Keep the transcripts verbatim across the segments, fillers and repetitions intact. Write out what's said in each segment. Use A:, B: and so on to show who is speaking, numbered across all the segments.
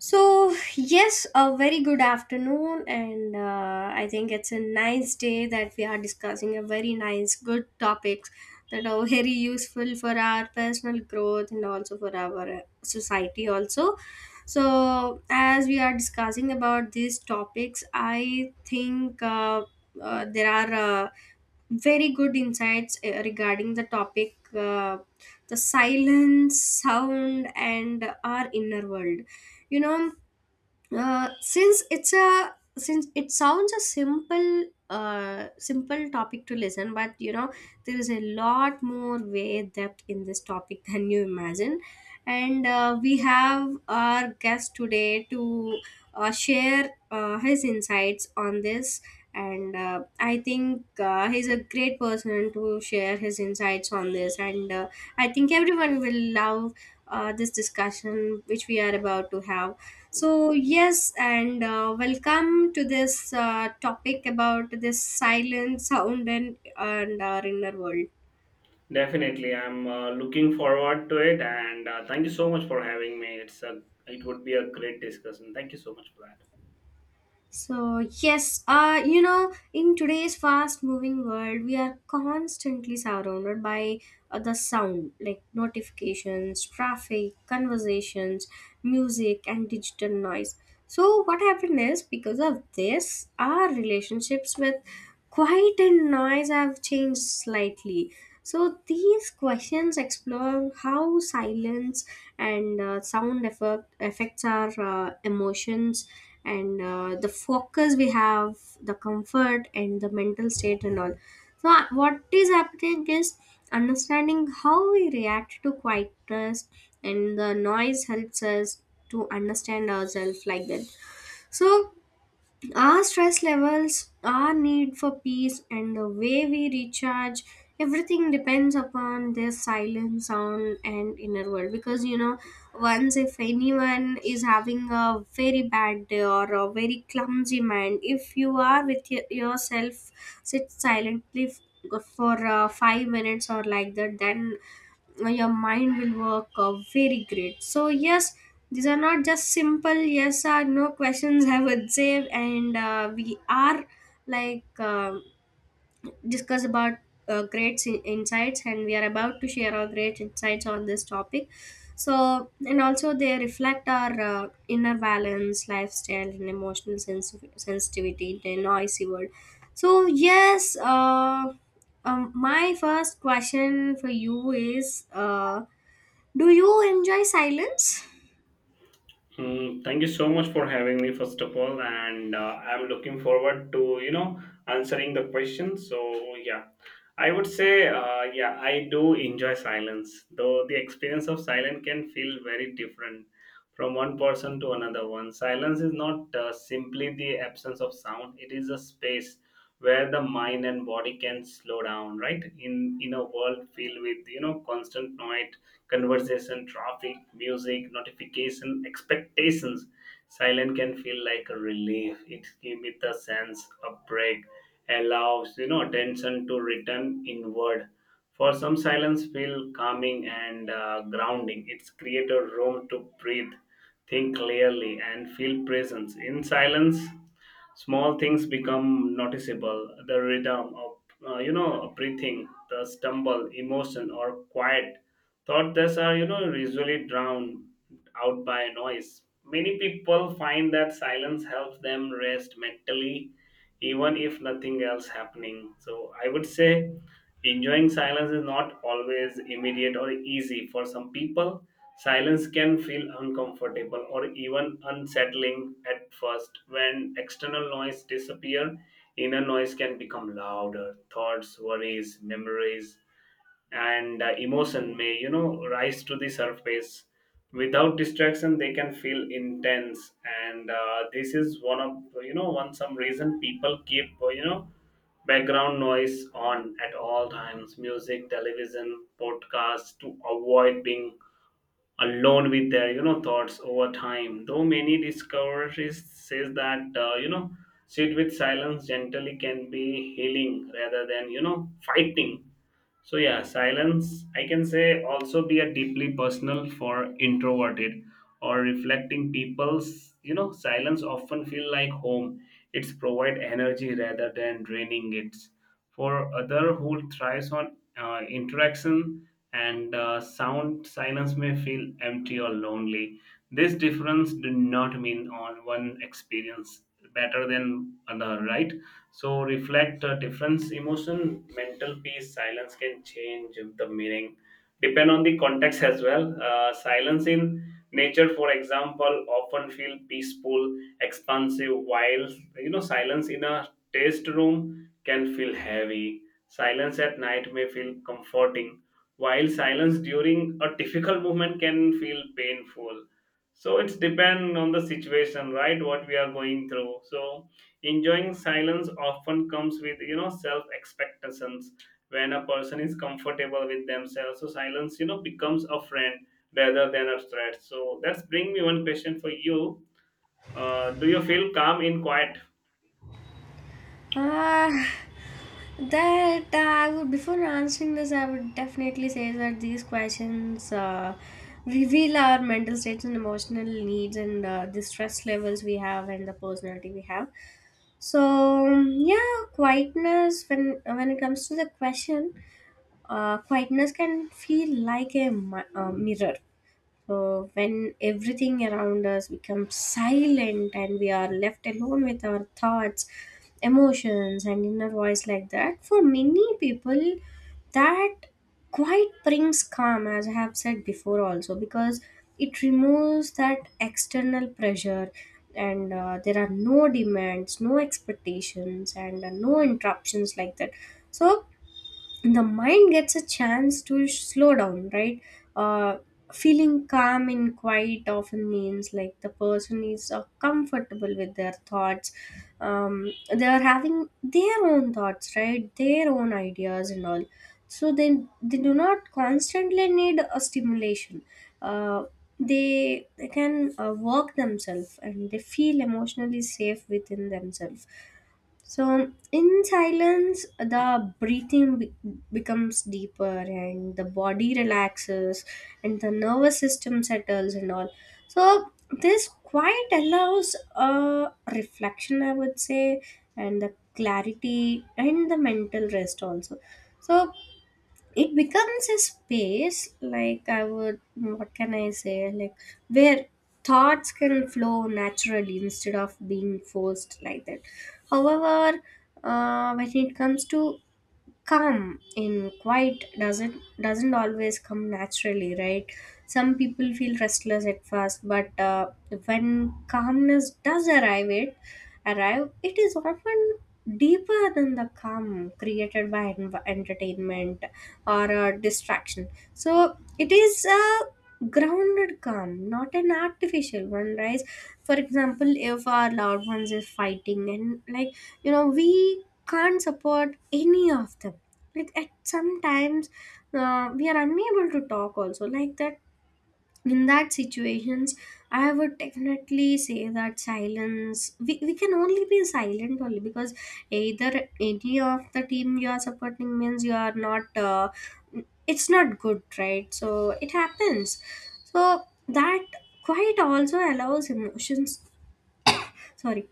A: So, yes, a very good afternoon, and uh, I think it's a nice day that we are discussing a very nice, good topics that are very useful for our personal growth and also for our uh, society, also. So, as we are discussing about these topics, I think uh, uh, there are uh, very good insights uh, regarding the topic, uh, the silence, sound, and our inner world. You know, uh, since it's a since it sounds a simple uh simple topic to listen, but you know there is a lot more way depth in this topic than you imagine, and uh, we have our guest today to uh, share uh, his insights on this. And uh, I think uh, he's a great person to share his insights on this, and uh, I think everyone will love uh, this discussion which we are about to have. So, yes, and uh, welcome to this uh, topic about this silent sound and, and our inner world.
B: Definitely, I'm uh, looking forward to it, and uh, thank you so much for having me. It's a it would be a great discussion. Thank you so much for that.
A: So, yes, uh, you know, in today's fast moving world, we are constantly surrounded by uh, the sound like notifications, traffic, conversations, music, and digital noise. So, what happened is, because of this, our relationships with quiet and noise have changed slightly. So, these questions explore how silence and uh, sound effect, affects our uh, emotions, and uh, the focus we have, the comfort and the mental state and all. So uh, what is happening is, understanding how we react to quietness and the noise helps us to understand ourselves like that. So, our stress levels, our need for peace, and the way we recharge, everything depends upon this silent sound and inner world. Because, you know, once if anyone is having a very bad day or a very clumsy mind, if you are with y- yourself, sit silently f- for uh, five minutes or like that, then uh, your mind will work uh, very great. So yes, these are not just simple yes or no questions, I would say, and uh, we are like uh, discuss about uh, great in- insights, and we are about to share our great insights on this topic. So and also they reflect our uh, inner balance lifestyle and emotional sens- sensitivity in a noisy world. So yes, uh, um, my first question for you is, uh, do you enjoy silence?
B: Hmm, thank you so much for having me, first of all, and uh, I'm looking forward to you know answering the questions. So yeah, I would say uh, yeah, I do enjoy silence, though the experience of silence can feel very different from one person to another one. Silence is not uh, simply the absence of sound; it is a space where the mind and body can slow down. Right, in in a world filled with you know constant noise, conversation, traffic, music, notification, expectations. Silence can feel like a relief. It gives it a sense of break, allows you know attention to return inward. For some, silence feel calming and uh, grounding. It's create a room to breathe, think clearly, and feel presence. In silence, small things become noticeable, the rhythm of uh, you know breathing, the stumble emotion or quiet thought. This are, you know, usually drowned out by noise. Many people find that silence helps them rest mentally, even if nothing else happening. So I would say enjoying silence is not always immediate or easy. For some people, silence can feel uncomfortable or even unsettling at first. When external noise disappear, inner noise can become louder. Thoughts, worries, memories, and uh, emotion may you know rise to the surface. Without distraction they can feel intense, and uh, this is one of you know one some reason people keep uh, you know background noise on at all times, music, television, podcasts, to avoid being alone with their you know thoughts. Over time though, many discoveries says that uh, you know sit with silence gently can be healing rather than you know fighting. So yeah, silence I can say also be a deeply personal for introverted or reflecting people's, you know, silence often feel like home. It's provide energy rather than draining it. For other who thrives on uh, interaction and uh, sound, silence may feel empty or lonely. This difference do not mean on one experience better than other, right? So reflect uh, difference, emotion, mental peace, silence can change the meaning. Depend on the context as well. Uh, silence in nature, for example, often feel peaceful, expansive, while you know silence in a taste room can feel heavy. Silence at night may feel comforting, while silence during a difficult movement can feel painful. So it's depend on the situation, right, what we are going through. So enjoying silence often comes with, you know, self expectations. When a person is comfortable with themselves, so silence, you know, becomes a friend rather than a threat. So that's bring me one question for you: uh, do you feel calm in quiet?
A: Ah, that uh, I would before answering this, I would definitely say that these questions uh, reveal our mental states and emotional needs, and uh, the stress levels we have and the personality we have. So yeah, quietness, when when it comes to the question, uh, quietness can feel like a, mi- a mirror uh, when everything around us becomes silent and we are left alone with our thoughts, emotions and inner voice, like that. For many people, that quite brings calm, as I have said before also, because it removes that external pressure, and uh, there are no demands, no expectations and uh, no interruptions like that. So the mind gets a chance to sh- slow down, right? uh, Feeling calm and quiet often means like the person is uh, comfortable with their thoughts. Um, they are having their own thoughts, right? Their own ideas and all. So then they do not constantly need a stimulation. Uh, they, they can uh, work themselves, and they feel emotionally safe within themselves. So, in silence, the breathing be- becomes deeper, and the body relaxes, and the nervous system settles and all. So, this quiet allows a reflection, I would say, and the clarity and the mental rest also. So, it becomes a space, like I would, what can I say, like, where thoughts can flow naturally instead of being forced like that. However, uh, when it comes to calm in quiet, doesn't doesn't always come naturally, right? Some people feel restless at first, but uh, when calmness does arrive, it arrive it is often deeper than the calm created by en- entertainment or uh, distraction. So it is a grounded calm, not an artificial one, right? For example, if our loved ones is fighting, and like, you know we can't support any of them. Like, at sometimes uh, we are unable to talk also like that. In that situations, I would definitely say that silence, we, we can only be silent only because, either any of the team you are supporting means you are not, uh, it's not good, right? So it happens. So that quite also allows emotions, sorry,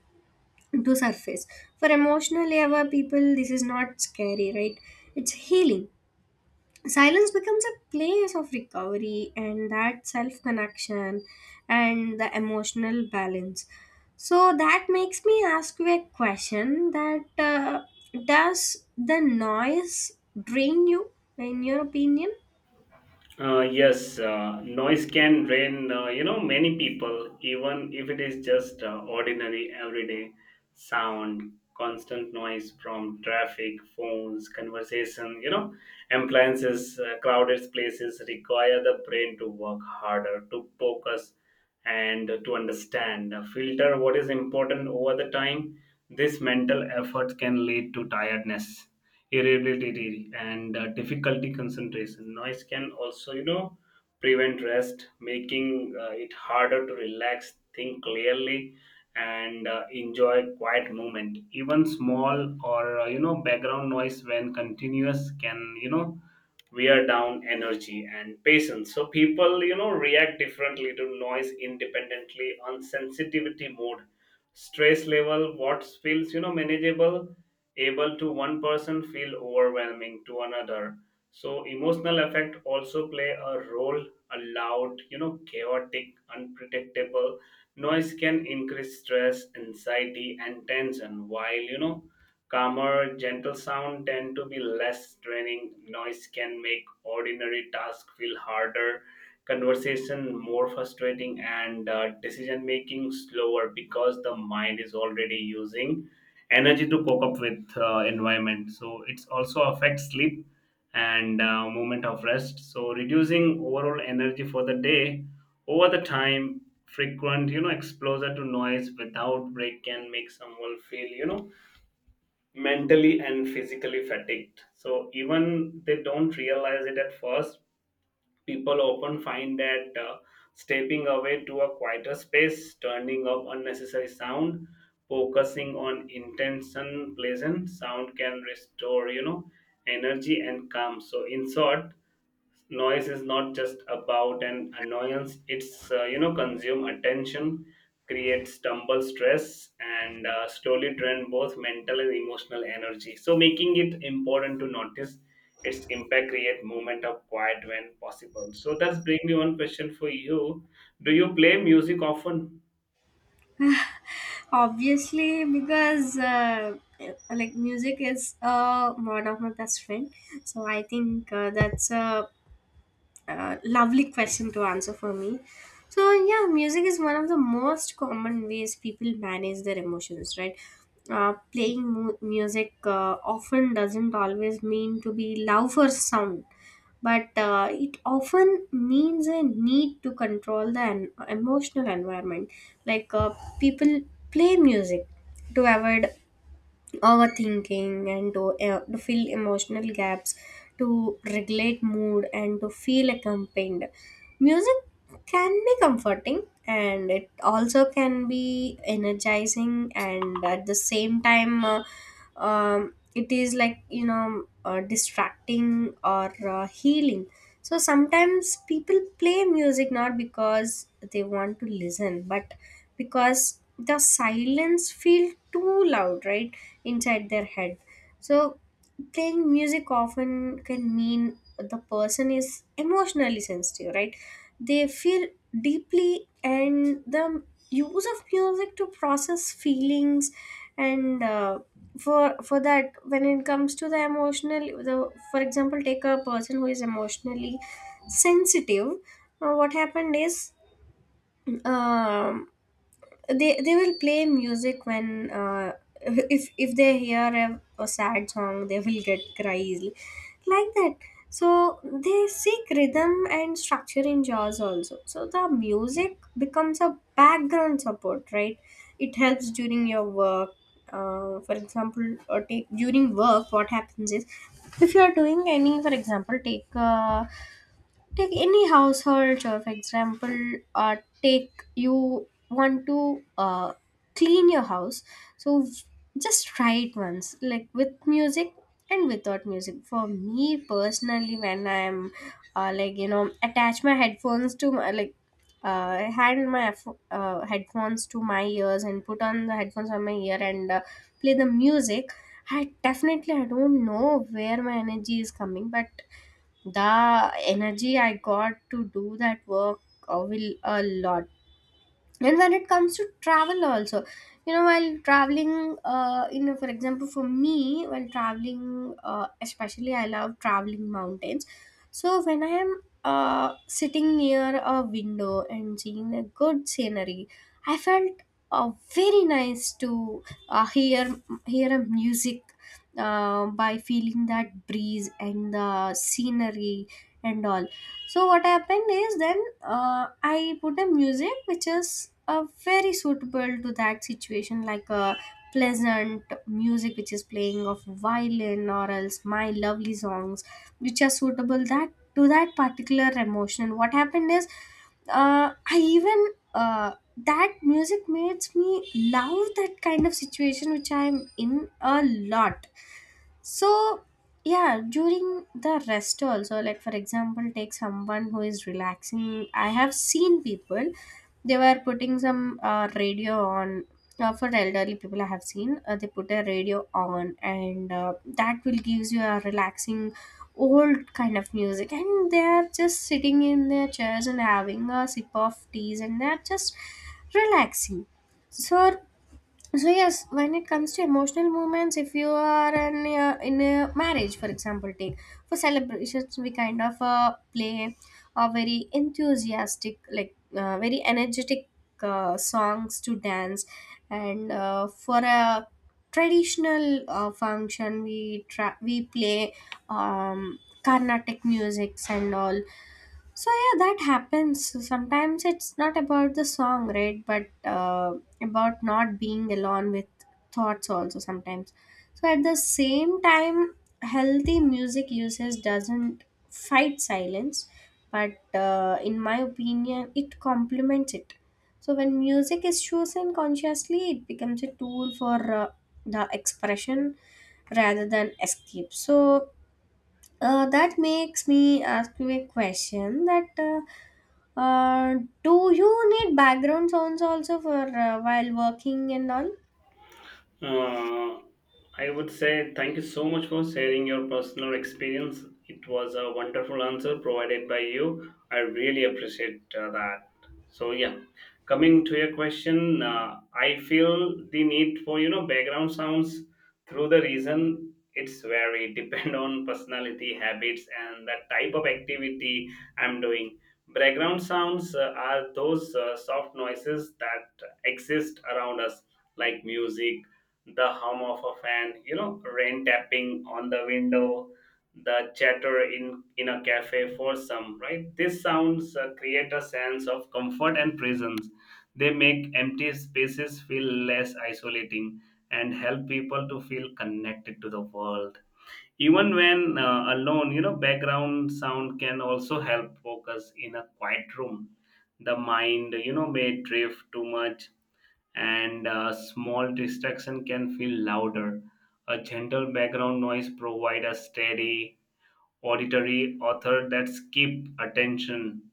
A: to surface. For emotionally aware people this is not scary, right? It's healing. Silence becomes a place of recovery, and that self connection, and the emotional balance. So that makes me ask you a question that, uh, does the noise drain you, in your opinion?
B: Uh, yes, uh, noise can drain, uh, you know, many people, even if it is just uh, ordinary everyday sound. Constant noise from traffic, phones, conversation, you know, appliances, uh, crowded places require the brain to work harder, to focus and to understand, uh, filter what is important over the time. This mental effort can lead to tiredness, irritability, and uh, difficulty concentration. Noise can also, you know, prevent rest, making uh, it harder to relax, think clearly, and uh, enjoy quiet moment. Even small or uh, you know background noise, when continuous, can, you know, wear down energy and patience. So people, you know, react differently to noise independently on sensitivity, mood, stress level. What feels, you know, manageable able to one person feel overwhelming to another. So emotional effect also play a role. A loud, you know, chaotic, unpredictable noise can increase stress, anxiety, and tension, while, you know, calmer gentle sound tend to be less draining. Noise can make ordinary tasks feel harder, conversation more frustrating, and uh, decision making slower, because the mind is already using energy to cope up with uh, environment. So it's also affects sleep and uh, movement of rest, so reducing overall energy for the day. Over the time, frequent, you know, exposure to noise without break can make someone feel, you know, mentally and physically fatigued, so even they don't realize it at first. People often find that uh, stepping away to a quieter space, turning off unnecessary sound, focusing on intention, pleasant sound can restore, you know, energy and calm. So, in short, noise is not just about an annoyance. It's uh, you know consume attention, create stumble stress, and uh, slowly drain both mental and emotional energy, so making it important to notice its impact, create moment of quiet when possible. So that's bring me one question for you: do you play music often?
A: Obviously, because uh, like, music is uh, one of my best friend. So I think uh, that's a uh, lovely question to answer for me. So yeah, music is one of the most common ways people manage their emotions, right? Uh, playing mu- music uh, often doesn't always mean to be loud or sound, but uh, it often means a need to control the en- emotional environment. Like, uh, people play music to avoid overthinking, and to, uh, to fill emotional gaps, to regulate mood and to feel accompanied. Music can be comforting, and it also can be energizing, and at the same time, uh, um, it is like, you know uh, distracting or uh, healing. So sometimes people play music not because they want to listen, but because the silence feel too loud, right, inside their head. So, playing music often can mean the person is emotionally sensitive, right? They feel deeply, and the use of music to process feelings. And uh, for for that, when it comes to the emotional, the for example, take a person who is emotionally sensitive. Uh, what happened is, um, they they will play music when, uh, if if they hear a, a sad song, they will get cry easily, like that. So they seek rhythm and structure in jazz also. So the music becomes a background support, right? It helps during your work. Uh, for example, or take during work, what happens is, if you are doing any, for example, take a... Take any household, uh, for example, uh, take you want to uh, clean your house. So just try it once, like with music and without music. For me personally, when I'm uh, like, you know, attach my headphones to my, like, uh, hand my f- uh, headphones to my ears, and put on the headphones on my ear, and uh, play the music. I definitely I don't know where my energy is coming, but the energy I got to do that work uh, will a lot. And when it comes to travel also, you know while traveling, uh, you know for example, for me, while traveling, uh, especially I love traveling mountains. So when I am uh, sitting near a window and seeing a good scenery, I felt uh, very nice to uh, hear hear a music, uh, by feeling that breeze and the scenery and all. So what happened is, then uh, I put a music which is uh, very suitable to that situation, like a pleasant music which is playing of violin, or else my lovely songs which are suitable that, to that particular emotion. What happened is, uh, I even, uh, that music makes me love that kind of situation which I'm in a lot. So yeah, during the rest also, like, for example, take someone who is relaxing. I have seen people, they were putting some uh, radio on. Uh, for elderly people I have seen, uh, they put a radio on, and uh, that will gives you a relaxing old kind of music, and they are just sitting in their chairs and having a sip of teas, and they are just relaxing. So, so yes, when it comes to emotional moments, if you are an, uh, in a marriage, for example, take, for celebrations we kind of uh, play a very enthusiastic, like uh, very energetic uh, songs to dance, and uh, for a traditional uh, function we tra- we play um, carnatic musics and all. So yeah, that happens. So sometimes it's not about the song, right? But uh, about not being alone with thoughts also sometimes. So at the same time, healthy music usage doesn't fight silence, but uh, in my opinion, it complements it. So when music is chosen consciously, it becomes a tool for uh, the expression rather than escape. So uh, that makes me ask you a question that, uh, uh, do you need background sounds also for, uh, while working and all?
B: Uh, I would say thank you so much for sharing your personal experience. It was a wonderful answer provided by you. I really appreciate uh, that. So yeah, coming to your question, uh, I feel the need for you know background sounds through the reason. It's very depend on personality, habits, and the type of activity I'm doing. Background sounds uh, are those uh, soft noises that exist around us, like music, the hum of a fan, you know, rain tapping on the window, the chatter in in a cafe for some, right? These sounds uh, create a sense of comfort and presence. They make empty spaces feel less isolating and help people to feel connected to the world. Even when uh, alone, you know, background sound can also help focus in a quiet room. The mind, you know, may drift too much, and a small distraction can feel louder. A gentle background noise provides a steady auditory author that keep attention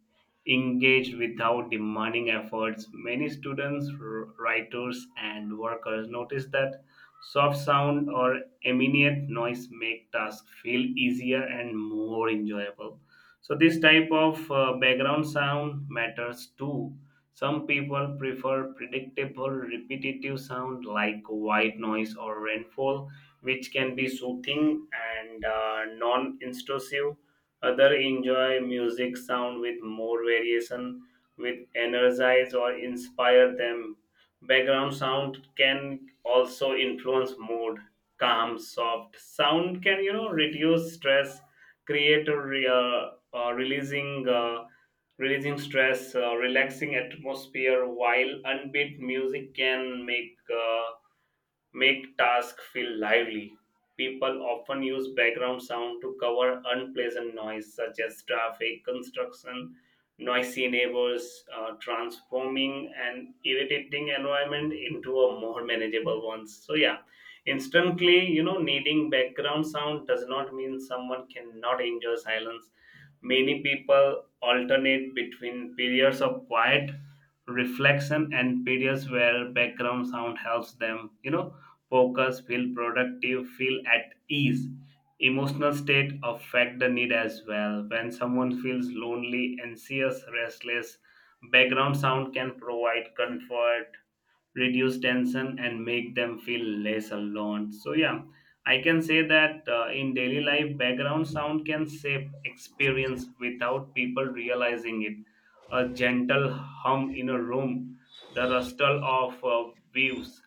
B: engaged without demanding efforts. Many students, r- writers, and workers notice that soft sound or immediate noise make tasks feel easier and more enjoyable. So this type of uh, background sound matters too. Some people prefer predictable, repetitive sound like white noise or rainfall, which can be soothing and uh, non-intrusive. Other enjoy music sound with more variation, with energize or inspire them. Background sound can also influence mood. Calm, soft sound can, you know, reduce stress, create a re- uh, uh, releasing. Uh, releasing stress, uh, relaxing atmosphere, while unbeat music can make uh, make tasks feel lively. People often use background sound to cover unpleasant noise such as traffic, construction, noisy neighbors, uh, transforming an irritating environment into a more manageable one. So yeah, instantly, you know, needing background sound does not mean someone cannot enjoy silence. Many people alternate between periods of quiet reflection and periods where background sound helps them, you know, focus, feel productive, feel at ease. Emotional state affect the need as well. When someone feels lonely, anxious, restless, background sound can provide comfort, reduce tension, and make them feel less alone. So yeah, I can say that uh, in daily life, background sound can shape experience without people realizing it. A gentle hum in a room, the rustle of uh, waves,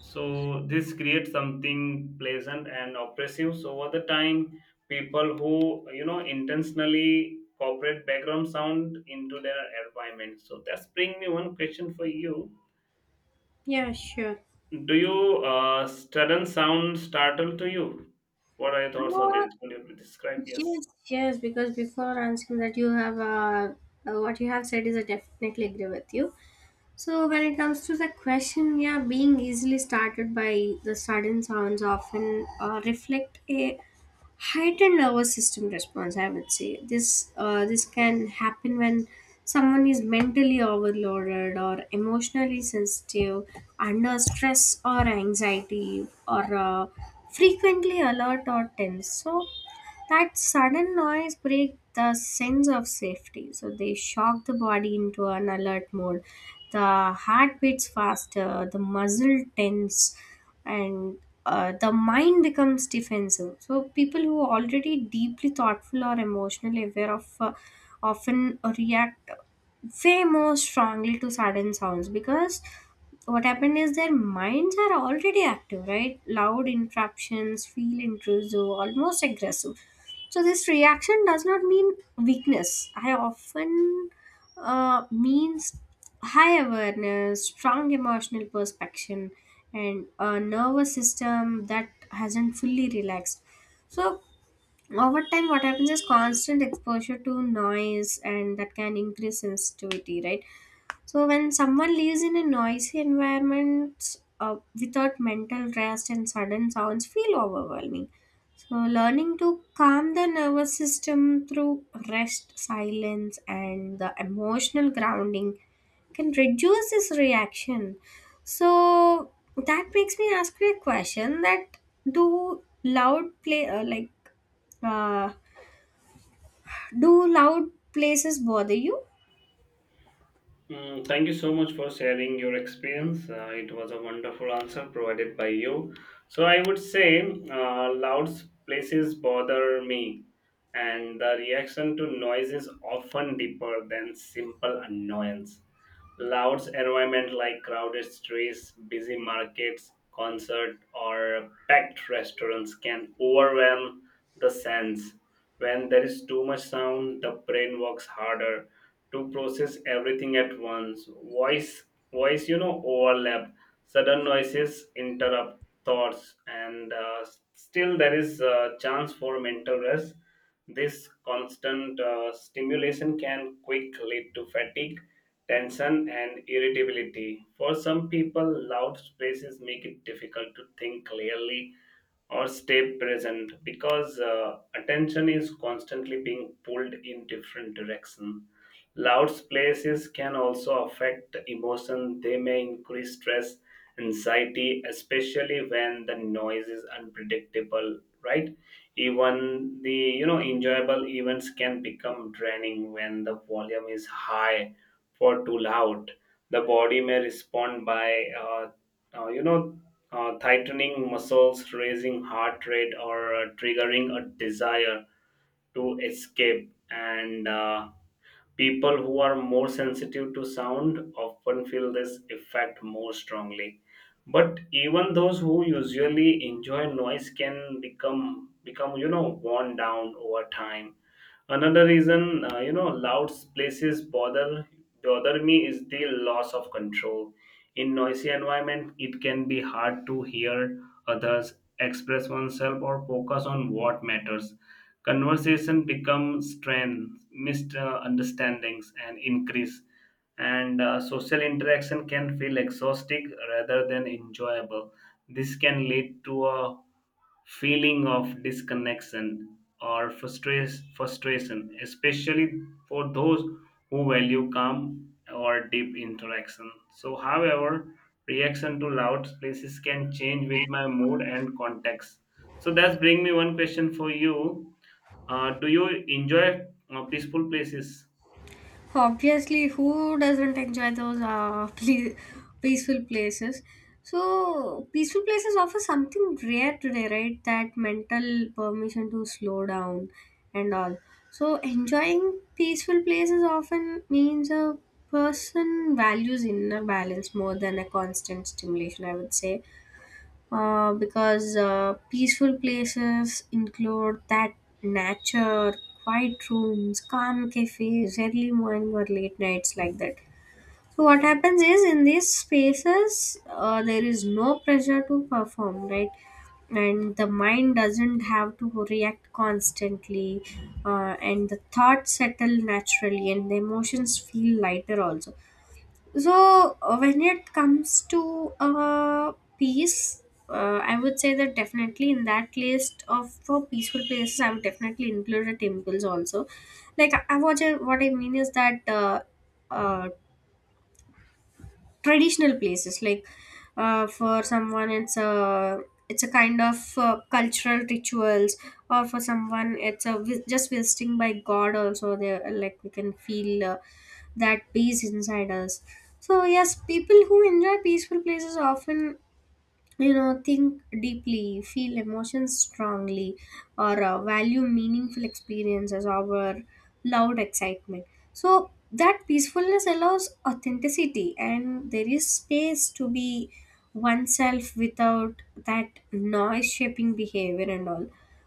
B: so this creates something pleasant and oppressive. So over the time, people who, you know, intentionally cooperate background sound into their environment. So that's bring me one question for you.
A: Yeah, sure.
B: Do you uh, sudden sound startle to you? What are your thoughts on
A: Uh,
B: this? Could you describe? Yes.
A: yes, yes, because before answering that, you have uh, uh, what you have said is, I definitely agree with you. So when it comes to the question, yeah, being easily started by the sudden sounds often uh, reflect a heightened nervous system response. I would say, this uh, this can happen when someone is mentally overloaded or emotionally sensitive, under stress or anxiety, or uh, frequently alert or tense. So that sudden noise breaks the sense of safety, so they shock the body into an alert mode. The heart beats faster, the muscle tense, and uh, the mind becomes defensive. So people who are already deeply thoughtful or emotionally aware of, uh, often react way more strongly to sudden sounds, because what happened is, their minds are already active, right? Loud interruptions feel intrusive, almost aggressive. So this reaction does not mean weakness. I often uh, means high awareness, strong emotional perception, and a nervous system that hasn't fully relaxed. So over time, what happens is, constant exposure to noise, and that can increase sensitivity, right? So when someone lives in a noisy environment uh, without mental rest, and sudden sounds feel overwhelming. So learning to calm the nervous system through rest, silence and the emotional grounding can reduce this reaction. So that makes me ask you a question that, do loud play uh, like uh, do loud places bother you?
B: Mm, thank you so much for sharing your experience. Uh, it was a wonderful answer provided by you. So I would say uh, loud places bother me, and the reaction to noise is often deeper than simple annoyance. Loud environment like crowded streets, busy markets, concert, or packed restaurants can overwhelm the sense. When there is too much sound, the brain works harder to process everything at once. Voice, Voice, you know, overlap. Sudden noises interrupt thoughts, and uh, still there is a chance for mental rest. This constant uh, stimulation can quick lead to fatigue, tension, and irritability. For some people, loud spaces make it difficult to think clearly or stay present, because uh, attention is constantly being pulled in different directions. Loud places can also affect emotion. They may increase stress, anxiety, especially when the noise is unpredictable, right? Even the, you know, enjoyable events can become draining when the volume is high for too loud. The body may respond by uh, uh, you know uh, tightening muscles, raising heart rate, or uh, triggering a desire to escape, and uh, people who are more sensitive to sound often feel this effect more strongly. But even those who usually enjoy noise can become become, you know, worn down over time. Another reason, uh, you know, loud places bother bother me is the loss of control. In noisy environment, it can be hard to hear others, express oneself, or focus on what matters. Conversation becomes strained, misunderstandings and increase, and uh, social interaction can feel exhausting rather than enjoyable. This can lead to a feeling of disconnection or frustra- frustration, especially for those who value calm or deep interaction. So, however, reaction to loud places can change with my mood and context. So, that's bring me one question for you. Uh, do you enjoy uh, peaceful places?
A: Obviously, who doesn't enjoy those uh, ple- peaceful places? So, peaceful places offer something rare today, right? That mental permission to slow down and all. So, enjoying peaceful places often means a person values inner balance more than a constant stimulation, I would say, uh, because uh, peaceful places include that nature, quiet rooms, calm cafes, early morning or late nights, like that. So what happens is, in these spaces uh, there is no pressure to perform, right? And the mind doesn't have to react constantly, uh, and the thoughts settle naturally, and the emotions feel lighter also. So uh, when it comes to uh, peace, uh, I would say that definitely, in that list of for peaceful places, I would definitely include the temples also. Like, I, I- what I, what I mean is that, uh, uh, traditional places, like, uh, for someone it's a, it's a kind of uh, cultural rituals, or for someone it's a vi- just visiting by god also there, like we can feel uh, that peace inside us. So yes, people who enjoy peaceful places often, you know think deeply, feel emotions strongly, or uh, value meaningful experiences over loud excitement. So that peacefulness allows authenticity, and there is space to be oneself without that noise shaping behavior and all.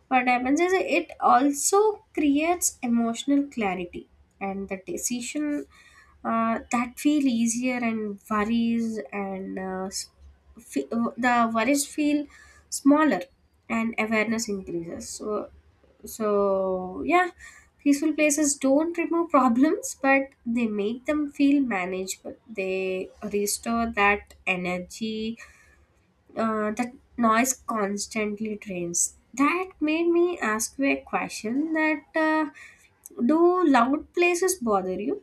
A: What happens is, it also creates emotional clarity, and the decision uh, that feel easier, and worries and uh, fe- uh, the worries feel smaller, and awareness increases. So, so yeah, peaceful places don't remove problems, but they make them feel manageable. They restore that energy uh, that noise constantly drains. That made me ask you a question that, uh, do loud places bother you?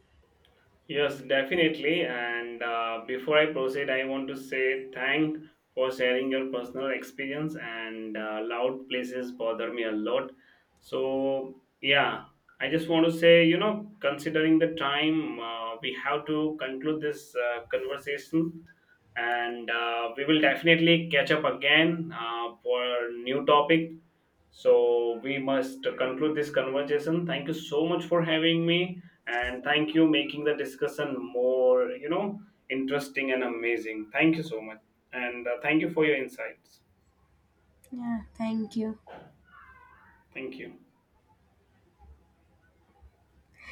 B: Yes, definitely. And uh, before I proceed, I want to say thank for sharing your personal experience. And uh, loud places bother me a lot. So yeah, I just want to say, you know, considering the time, uh, we have to conclude this uh, conversation, and uh, we will definitely catch up again uh, for a new topic. So we must conclude this conversation. Thank you so much for having me, and thank you making the discussion more, you know, interesting and amazing. Thank you so much, and uh, thank you for your insights.
A: Yeah, thank you.
B: Thank you.